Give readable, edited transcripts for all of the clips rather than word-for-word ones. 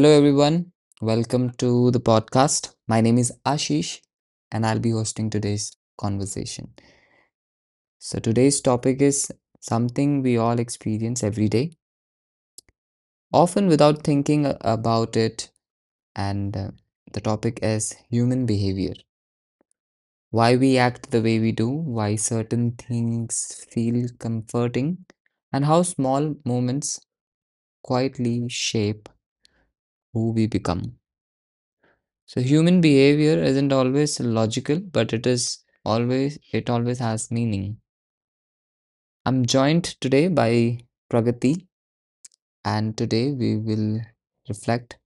Hello, everyone. Welcome to the podcast. My name is Ashish, and I'll be hosting today's conversation. So, today's topic is something we all experience every day, often without thinking about it. And the topic is human behavior: why we act the way we do, why certain things feel comforting, and how small moments quietly shape who we become. So human behavior isn't always logical, but it always has meaning. I'm joined today by Pragati, and today we will reflect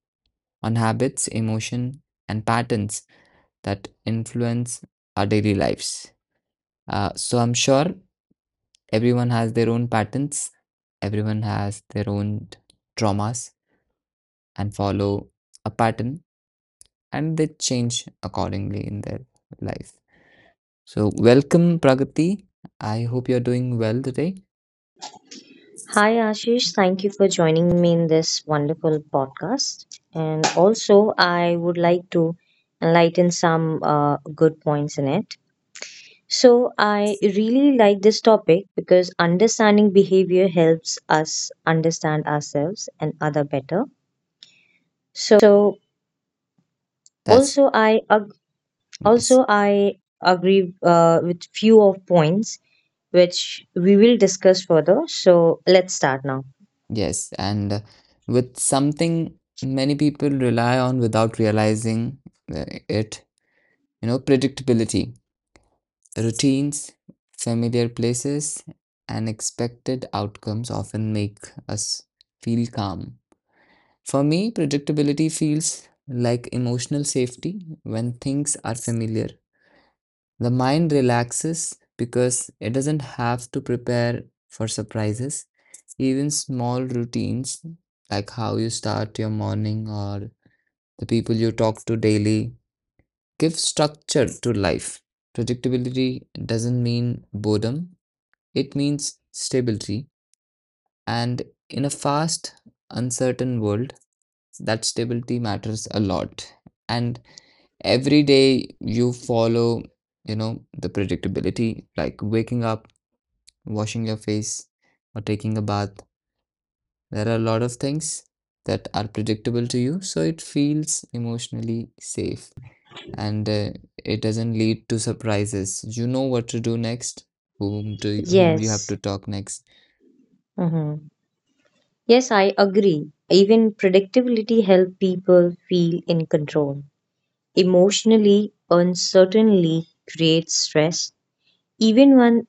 on habits, emotion, and patterns that influence our daily lives. So, I'm sure everyone has their own patterns, everyone has their own traumas, and follow a pattern, and they change accordingly in their life. So, welcome, Pragati. I hope you're doing well today. Hi, Ashish. Thank you for joining me in this wonderful podcast. And also, I would like to enlighten some good points in it. So, I really like this topic because understanding behavior helps us understand ourselves and other better. So, That's also, yes, also I agree with few of points which we will discuss further. So, let's start now. yes. And With something many people rely on without realizing it, predictability, routines, familiar places, and expected outcomes often make us feel calm. For me, predictability feels like emotional safety. When things are familiar, the mind relaxes because it doesn't have to prepare for surprises. Even small routines, like how you start your morning or the people you talk to daily, give structure to life. Predictability doesn't mean boredom, it means stability. And in a fast, uncertain world, that stability matters a lot. And every day you follow, the predictability, like waking up, washing your face, or taking a bath. There are a lot of things that are predictable to you, so it feels emotionally safe and it doesn't lead to surprises. You know what to do next, whom to whom you have Yes. to talk next. Mm-hmm. Yes, I agree. Even predictability helps people feel in control. Emotionally, uncertainty creates stress, even when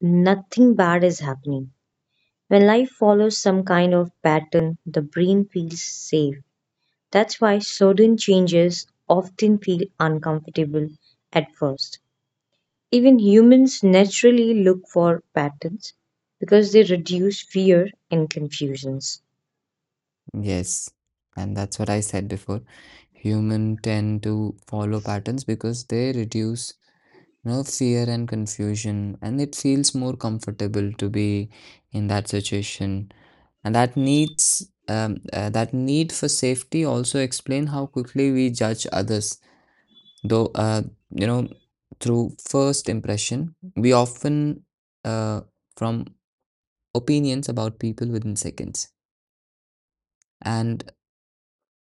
nothing bad is happening. When life follows some kind of pattern, the brain feels safe. That's why sudden changes often feel uncomfortable at first. Even humans naturally look for patterns because they reduce fear and confusions. Yes, and that's what I said before. Human tend to follow patterns because they reduce no fear and confusion, and it feels more comfortable to be in that situation. And that needs, that need for safety also explain how quickly we judge others. Though, you know through first impression, we often uh, from opinions about people within seconds. And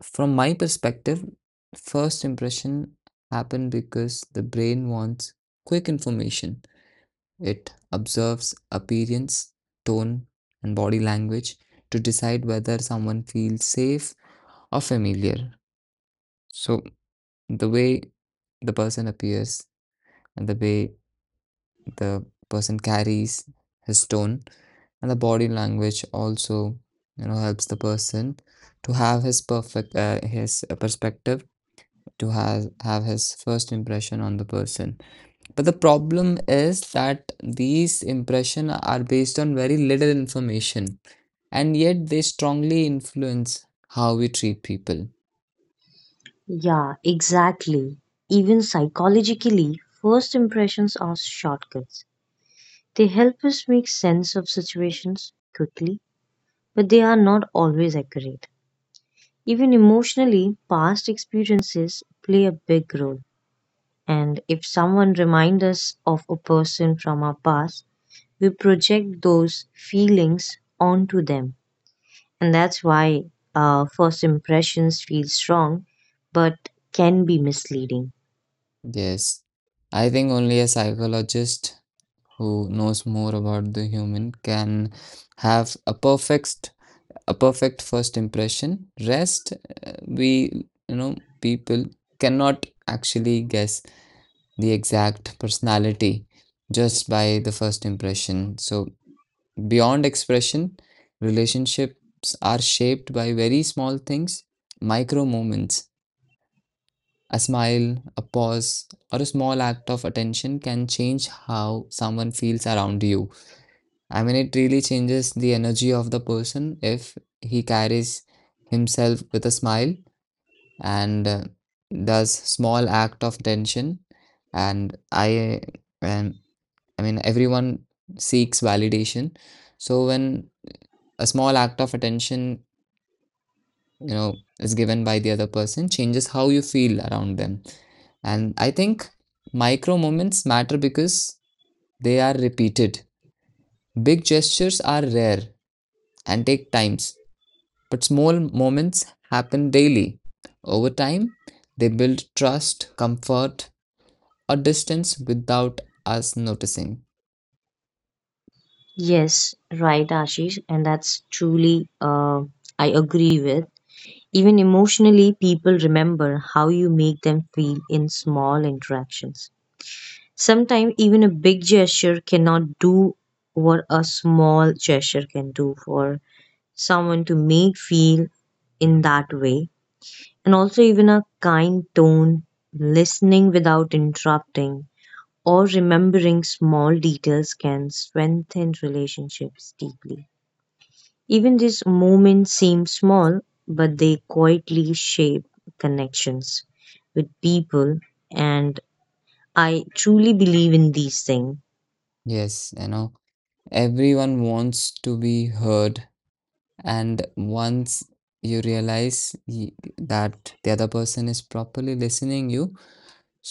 from my perspective, first impression happen because the brain wants quick information. It observes appearance, tone, and body language to decide whether someone feels safe or familiar. So, the way the person appears and the way the person carries his tone and the body language also, helps the person to have his perspective, to have his first impression on the person. But the problem is that these impressions are based on very little information, and yet they strongly influence how we treat people. Yeah, exactly. Even psychologically, first impressions are shortcuts. They help us make sense of situations quickly, but they are not always accurate. Even emotionally, past experiences play a big role. And if someone reminds us of a person from our past, we project those feelings onto them. And that's why first impressions feel strong but can be misleading. Yes, I think only a psychologist who knows more about the human can have a perfect first impression. Rest, we people cannot actually guess the exact personality just by the first impression. So, beyond expression, relationships are shaped by very small things: micro moments. A smile, a pause, or a small act of attention can change how someone feels around you. I mean, it really changes the energy of the person if he carries himself with a smile and does small act of attention. And I, and I mean, everyone seeks validation. So when a small act of attention you know is given by the other person, changes how you feel around them. And I think micro moments matter because they are repeated. Big gestures are rare and take times, but small moments happen daily. Over time they build trust, comfort, or distance without us noticing. Yes, right, Ashish, and that's truly I agree with. Even emotionally, people remember how you make them feel in small interactions. Sometimes even a big gesture cannot do what a small gesture can do for someone to make feel in that way. And also even a kind tone, listening without interrupting, or remembering small details can strengthen relationships deeply. Even these moments seem small, but they quietly shape connections with people, and I truly believe in these things. Yes, you know everyone wants to be heard. And once you realize that the other person is properly listening you,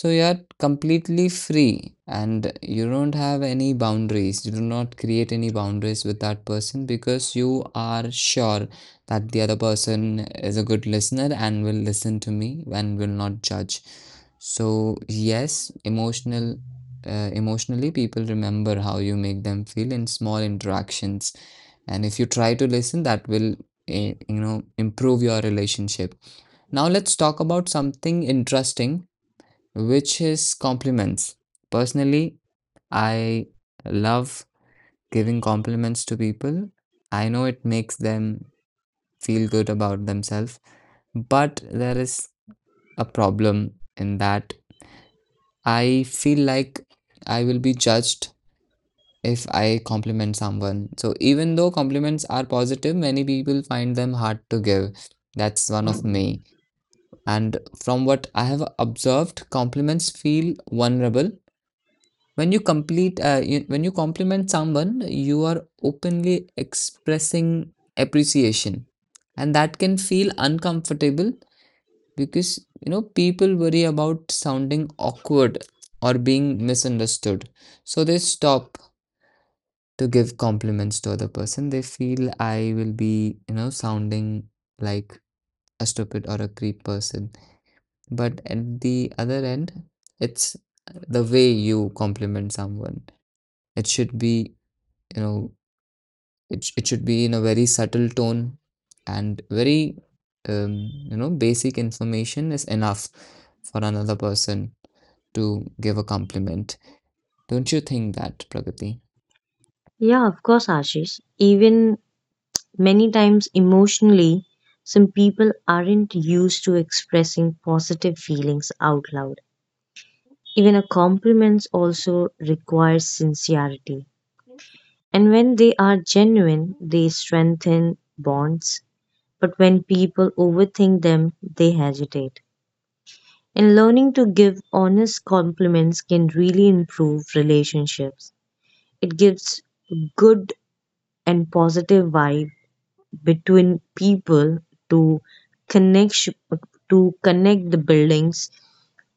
so you're completely free and you don't have any boundaries. You do not create any boundaries with that person because you are sure that the other person is a good listener and will listen to me and will not judge. So yes, emotionally people remember how you make them feel in small interactions. And if you try to listen, that will improve your relationship. Now let's talk about something interesting, which is compliments. Personally, I love giving compliments to people. I know it makes them feel good about themselves, but there is a problem in that I feel like I will be judged if I compliment someone. So, even though compliments are positive, many people find them hard to give. That's one of me. And from what I have observed, compliments feel vulnerable. When you when you compliment someone, you are openly expressing appreciation, and that can feel uncomfortable because you know people worry about sounding awkward or being misunderstood. So they stop to give compliments to other person. They feel I will be, sounding like a stupid or a creep person. But at the other end, it's the way you compliment someone. It should be, you know it should be in a very subtle tone, and very basic information is enough for another person to give a compliment. Don't you think that, Pragati? Yeah, of course, Ashish. Even many times emotionally, some people aren't used to expressing positive feelings out loud. Even a compliment also requires sincerity. And when they are genuine, they strengthen bonds but when people overthink them, they hesitate. And learning to give honest compliments can really improve relationships. It gives good and positive vibe between people to connect sh- to connect the buildings,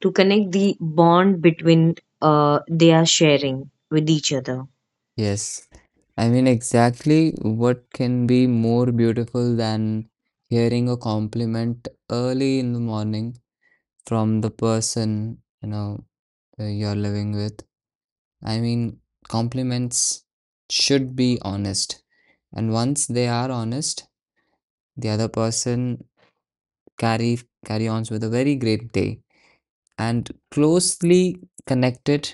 to connect the bond between they are sharing with each other. Yes, I mean, exactly. What can be more beautiful than hearing a compliment early in the morning from the person you're living with? I mean, compliments should be honest, and once they are honest, the other person carry carry on with a very great day. And closely connected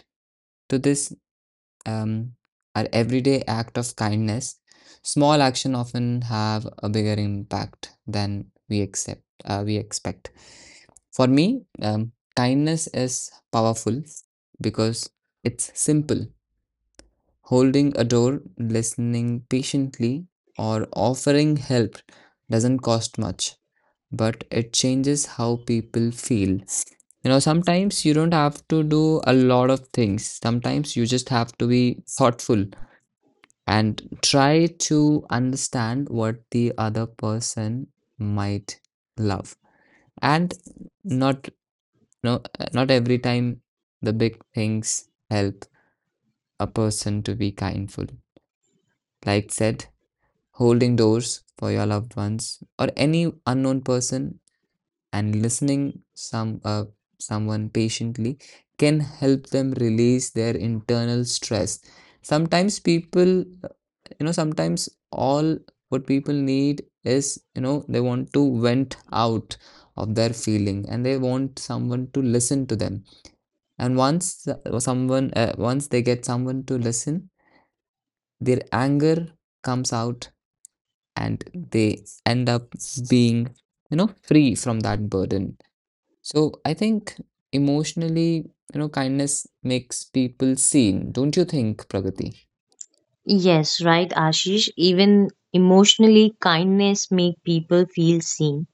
to this, um, our everyday act of kindness: small action often have a bigger impact than we expect. For me, kindness is powerful because it's simple. Holding a door, listening patiently, or offering help doesn't cost much, but it changes how people feel. You know, sometimes you don't have to do a lot of things. Sometimes you just have to be thoughtful and try to understand what the other person might love. And not no, not every time the big things help a person to be kindful. Like said, holding doors for your loved ones or any unknown person, and listening someone patiently can help them release their internal stress. Sometimes people, sometimes all what people need is, you know, they want to vent out of their feeling and they want someone to listen to them. And once someone once they get someone to listen, their anger comes out and they end up being, you know, free from that burden. So I think emotionally, you know, kindness makes people seen, don't you think, Pragati? Yes, right, Ashish. Even emotionally, kindness make people feel seen,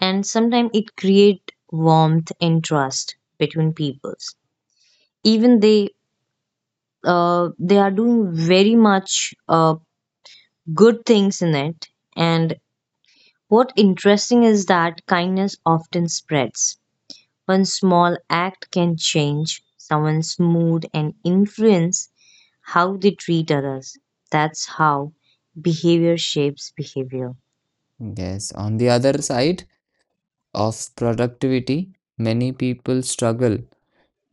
and sometimes it create warmth and trust between peoples even they are doing very much good things in it. And what interesting is that kindness often spreads. One small act can change someone's mood and influence how they treat others. That's how behavior shapes behavior. Yes. On the other side of productivity, many people struggle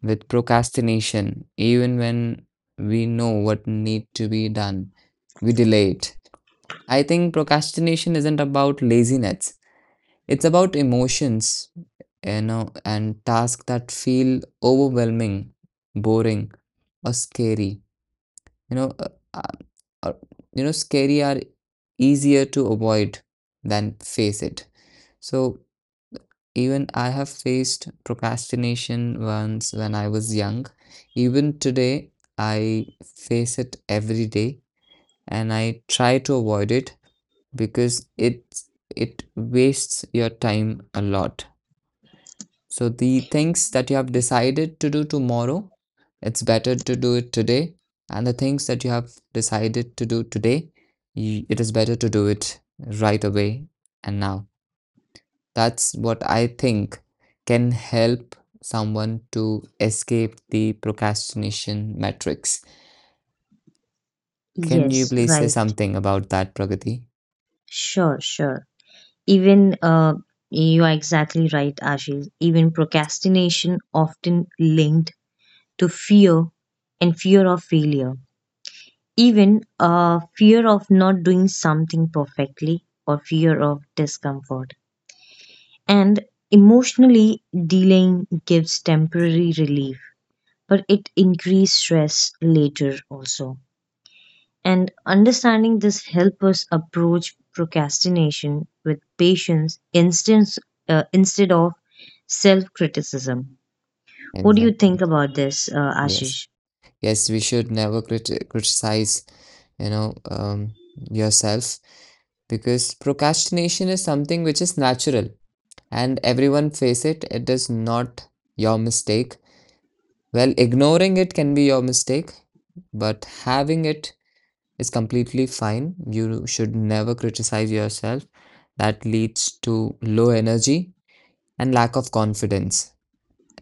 with procrastination. Even when we know what need to be done, we delay it. I think procrastination isn't about laziness. It's about emotions, you know, and tasks that feel overwhelming, boring, or scary, you know uh, uh, uh, scary are easier to avoid than face it. So even I have faced procrastination once when I was young. Even today I face it every day, and I try to avoid it because it wastes your time a lot. So the things that you have decided to do tomorrow, it's better to do it today. And the things that you have decided to do today, it is better to do it right away and now. That's what I think can help someone to escape the procrastination matrix. Can you Yes, please say right. something about that, Pragati? Sure, sure. Even you are exactly right, Ashish. Even procrastination often linked to fear and fear of failure. Even fear of not doing something perfectly or fear of discomfort. And emotionally, delaying gives temporary relief, but it increases stress later also. And understanding this help us approach procrastination with patience instead of self criticism. What do you think Exactly. about this, Yes. Ashish? Yes, we should never criticize, you know, yourself, because procrastination is something which is natural and everyone face it. It is not your mistake. Well, ignoring it can be your mistake, but having it is completely fine. You should never criticize yourself. That leads to low energy and lack of confidence.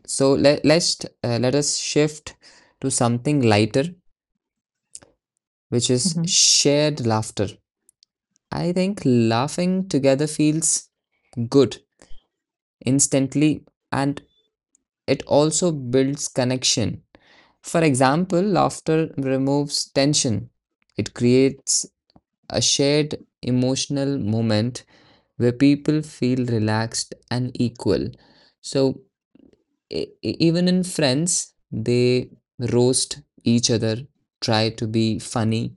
So let's let us shift to something lighter, which is hmm shared laughter. I think laughing together feels good instantly, and it also builds connection. For example, laughter removes tension. It creates a shared emotional moment where people feel relaxed and equal. So, even in friends, they roast each other, try to be funny,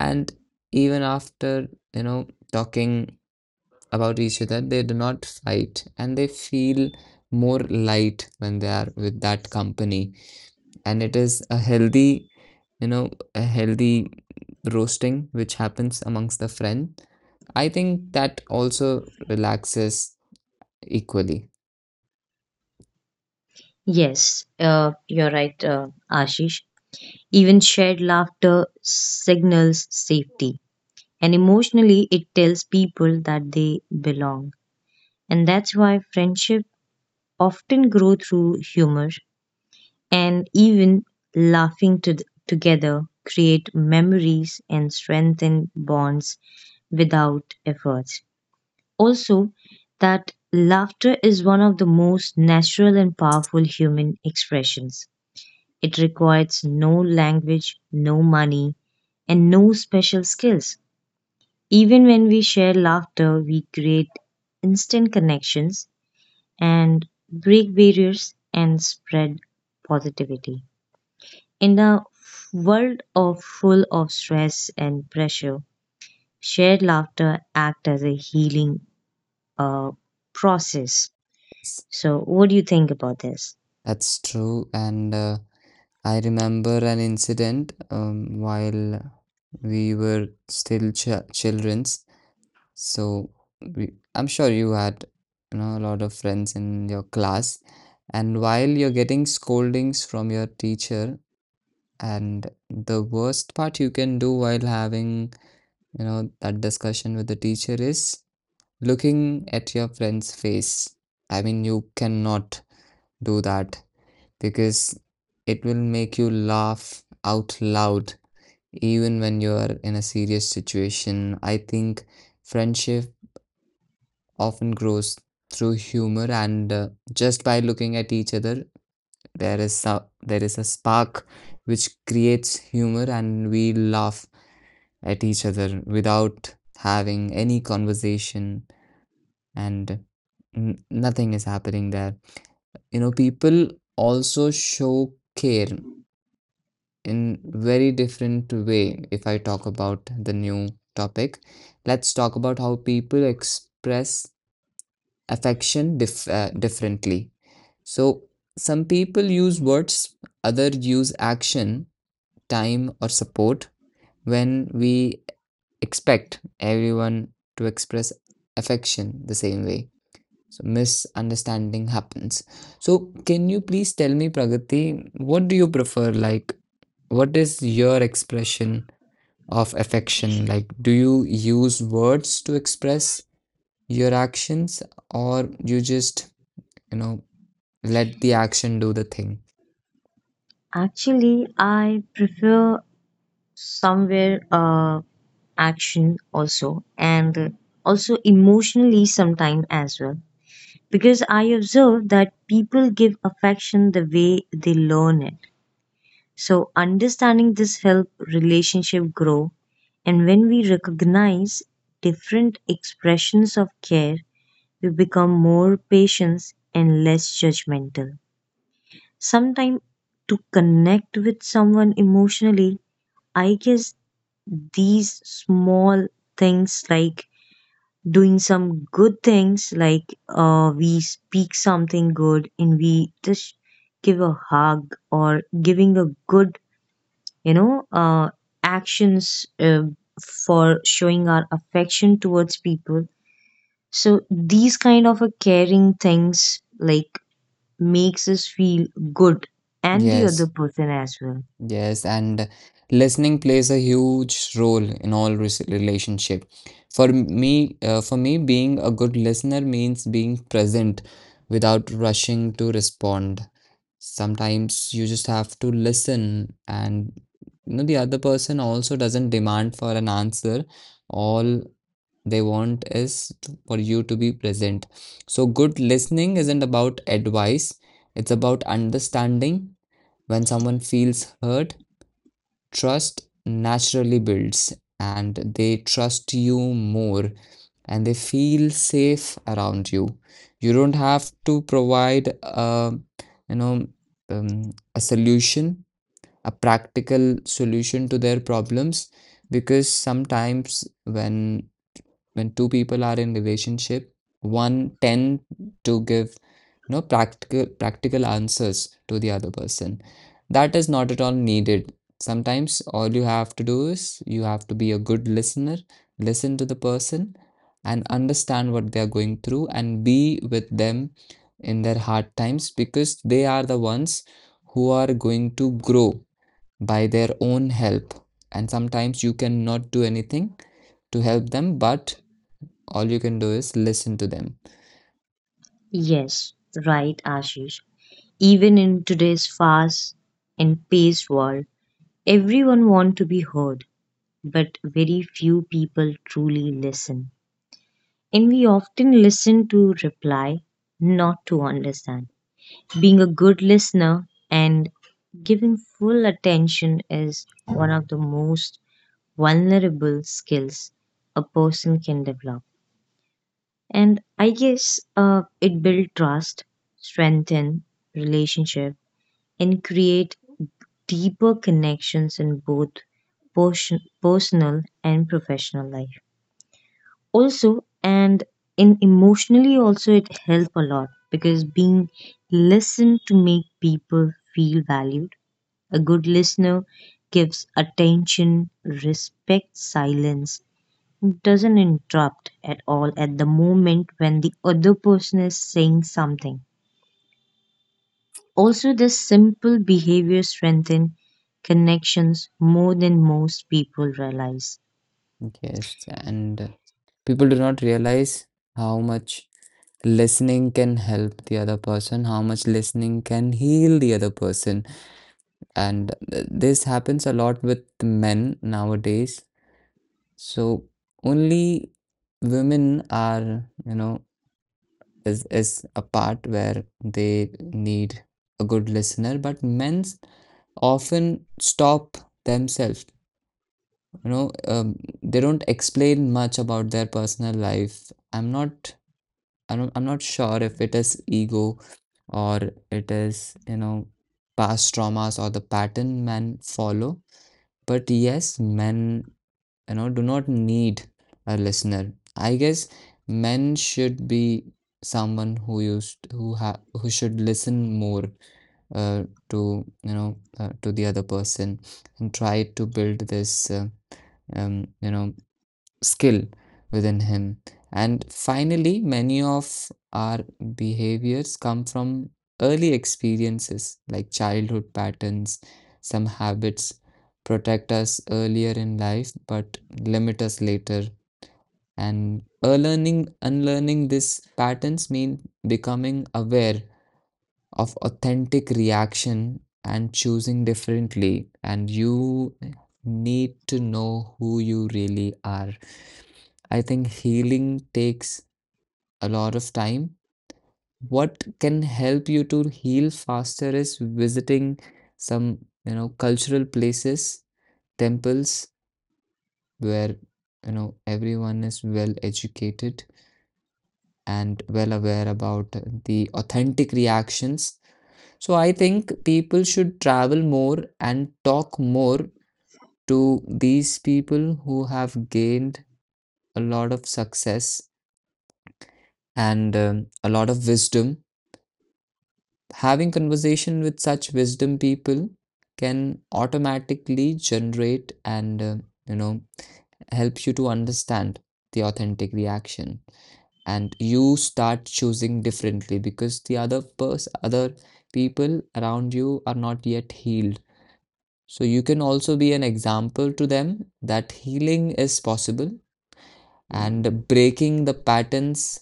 and even after, you know, talking about each other, they do not fight and they feel more light when they are with that company. And it is a healthy, you know a healthy roasting which happens amongst the friend. I think that also relaxes equally. Yes, you're right, Ashish. Even shared laughter signals safety. And emotionally, it tells people that they belong. And that's why friendship often grow through humor, and even laughing together create memories and strengthen bonds without effort. Also, that laughter is one of the most natural and powerful human expressions. It requires no language, no money, and no special skills. Even when we share laughter, we create instant connections and break barriers and spread positivity. In a world of full of stress and pressure, shared laughter act as a healing uh, process. Yes, So, what do you think about this? that's true. And I remember an incident, while we were still children's. So we, I'm sure you had, a lot of friends in your class. And while you're getting scoldings from your teacher, And the worst part you can do while having, you know, that discussion with the teacher is looking at your friend's face. I mean, you cannot do that because it will make you laugh out loud even when you are in a serious situation. I think friendship often grows through humor and just by looking at each other, there is there is a spark which creates humor, and we laugh at each other without having any conversation and nothing is happening there. You know, people also show care in very different way. If I talk about the new topic, let's talk about how people express affection differently. So some people use words, other use action, time or support. When we expect everyone to express affection the same way, so misunderstanding happens. So can you please tell me, Pragati, what do you prefer? Like, what is your expression of affection? Like, do you use words to express your actions, or you just, you know, let the action do the thing? Actually, I prefer somewhere action also, and also emotionally sometimes as well, because I observe that people give affection the way they learn it. So understanding this help relationship grow, and when we recognize different expressions of care, we become more patient and less judgmental. Sometimes to connect with someone emotionally, I guess these small things like doing some good things like we speak something good, and we just give a hug or giving a good you know uh, actions for showing our affection towards people, so these kind of a caring things like makes us feel good and the other Yes. person as well. Yes, and listening plays a huge role in all relationship. For me, being a good listener means being present without rushing to respond. Sometimes you just have to listen, and you know the other person also doesn't demand for an answer. All they want is for you to be present. So good listening isn't about advice, it's about understanding. When someone feels hurt, trust naturally builds, and they trust you more and they feel safe around you. You don't have to provide a, you know, a solution, a practical solution to their problems, because sometimes when two people are in relationship, one tend to give, you know, practical answers to the other person. That is not at all needed. Sometimes all you have to do is you have to be a good listener, listen to the person and understand what they are going through and be with them in their hard times, because they are the ones who are going to grow by their own help. And sometimes you cannot do anything to help them, but all you can do is listen to them. Yes, right, Ashish. Even in today's fast and paced world, everyone want to be heard, but very few people truly listen, and we often listen to reply, not to understand. Being a good listener and giving full attention is one of the most vulnerable skills a person can develop. And I guess it builds trust, strengthen relationship, and create deeper connections in both portion, personal and professional life. Also, and in emotionally also it help a lot, because being listened to make people feel valued. A good listener gives attention, respects silence, doesn't interrupt at all at the moment when the other person is saying something. Also, this simple behavior strengthens connections more than most people realize. Yes, and people do not realize how much listening can help the other person, how much listening can heal the other person. And this happens a lot with men nowadays. So only women are, you know, is a part where they need a good listener, but men often stop themselves, you know. They don't explain much about their personal life. I don't, I'm not sure if it is ego or it is, you know, past traumas or the pattern men follow, but yes, men, you know, do not need a listener, I guess. Men should be someone who used who ha who should listen more uh, to, you know, to the other person and try to build this you know, skill within him. And finally, many of our behaviors come from early experiences like childhood patterns. Some habits protect us earlier in life but limit us later. And unlearning these patterns means becoming aware of authentic reaction and choosing differently. And you need to know who you really are. I think healing takes a lot of time. What can help you to heal faster is visiting some, you know, cultural places, temples where, you know, everyone is well educated and well aware about the authentic reactions. So I think people should travel more and talk more to these people who have gained a lot of success and a lot of wisdom. Having conversation with such wisdom people can automatically generate and you know, help you to understand the authentic reaction, and you start choosing differently. Because the other person, other people around you are not yet healed, so you can also be an example to them that healing is possible and breaking the patterns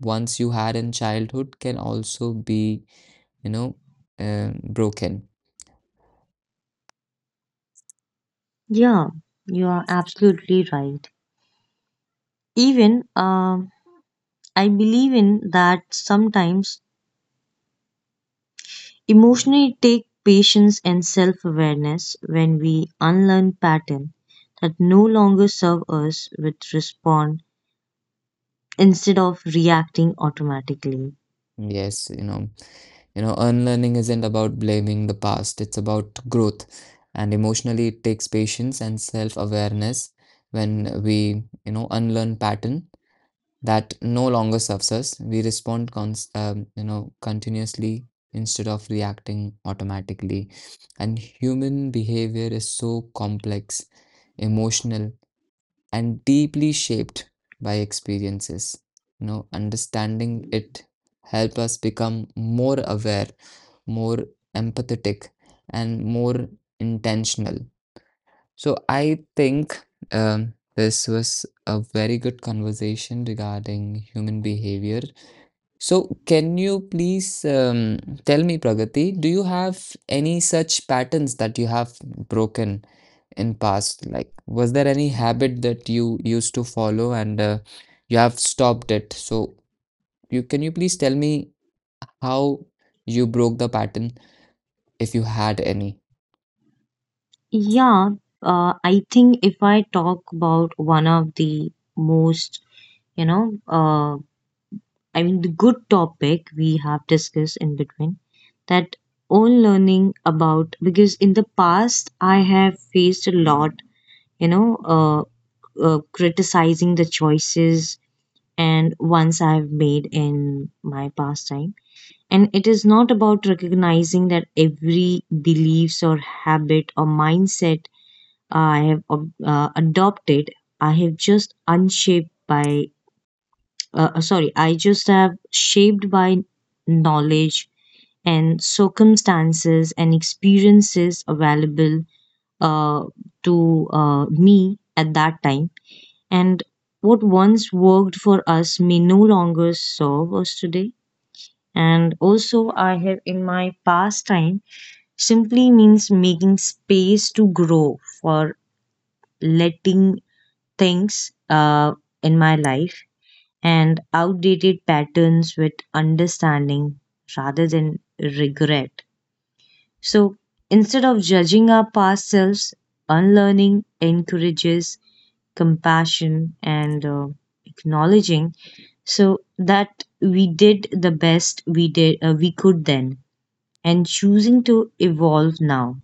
once you had in childhood can also be, you know, broken. Yeah, you are absolutely right. Even I believe in that sometimes emotionally take patience and self-awareness when we unlearn pattern that no longer serve us with respond instead of reacting automatically. Yes, you know, unlearning isn't about blaming the past, it's about growth. And emotionally, it takes patience and self-awareness. When we, you know, unlearn pattern that no longer serves us, we respond cons you know, continuously instead of reacting automatically. And human behavior is so complex, emotional and deeply shaped by experiences. You know, understanding it help us become more aware, more empathetic, and more intentional. So I think this was a very good conversation regarding human behavior. So, can you please tell me, Pragati, do you have any such patterns that you have broken in past? Like, was there any habit that you used to follow and you have stopped it? So, you please tell me how you broke the pattern if you had any? Yeah, I think if I talk about one of the most, you know, uh, I mean, the good topic we have discussed in between that own learning about, because in the past I have faced a lot, you know, uh, criticizing the choices and ones I've made in my past time. And it is not about recognizing that every beliefs or habit or mindset I have adopted, I have just unshaped by, sorry, I just have shaped by knowledge and circumstances and experiences available uh, to me at that time, and what once worked for us may no longer serve us today. And also, I have in my past time simply means making space to grow for letting things in my life and outdated patterns with understanding rather than regret. So instead of judging our past selves, unlearning encourages compassion and acknowledging so that we did the best we could then, and choosing to evolve now,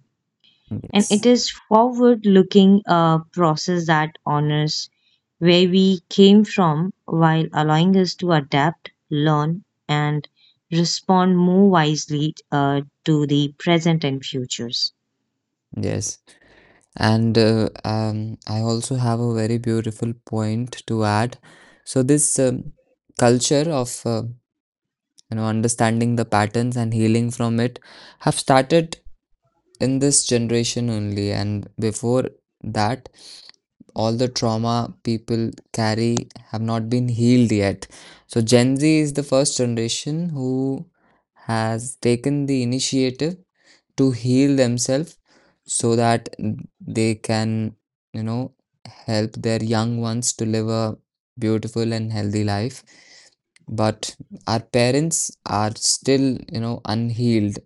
and it Yes. is forward looking process that honors where we came from while allowing us to adapt, learn, and respond more wisely to the present and futures. Yes. And I also have a very beautiful point to add. So, this culture of you know, understanding the patterns and healing from it have started in this generation only, and before that all the trauma people carry have not been healed yet. So Gen Z is the first generation who has taken the initiative to heal themselves so that they can, you know, help their young ones to live a beautiful and healthy life. But our parents are still, you know, unhealed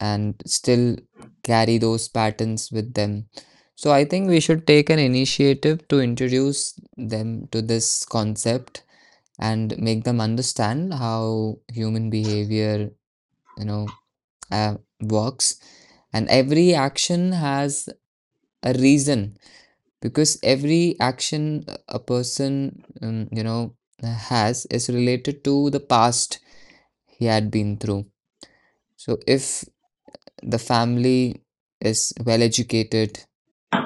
and still carry those patterns with them. So I think we should take an initiative to introduce them to this concept and make them understand how human behavior, you know, uh, works, and every action has a reason, because every action a person, you know, has is related to the past he had been through. So if the family is well educated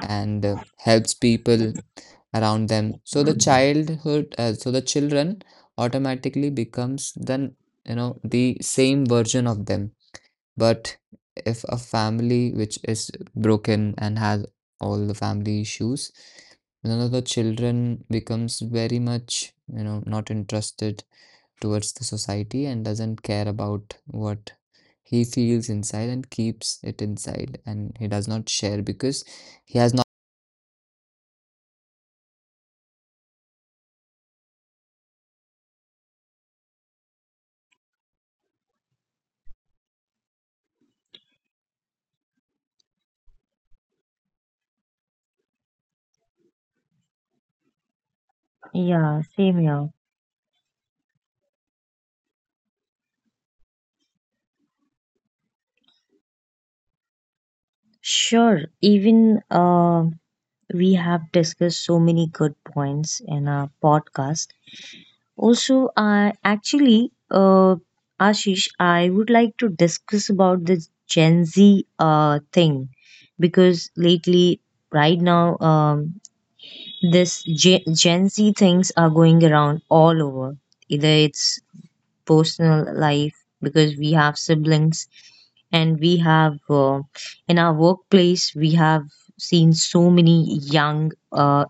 and helps people around them, so the childhood, so the children automatically becomes then, you know, the same version of them. But if a family which is broken and has all the family issues, none of the children becomes very much, you know, not interested towards the society and doesn't care about what he feels inside and keeps it inside, and he does not share because he has not Yeah, same here. Sure. Even we have discussed so many good points in our podcast. Also, I actually, Ashish, I would like to discuss about this Gen Z thing, because lately, right now, this Gen Z things are going around all over. Either it's personal life because we have siblings and we have in our workplace we have seen so many young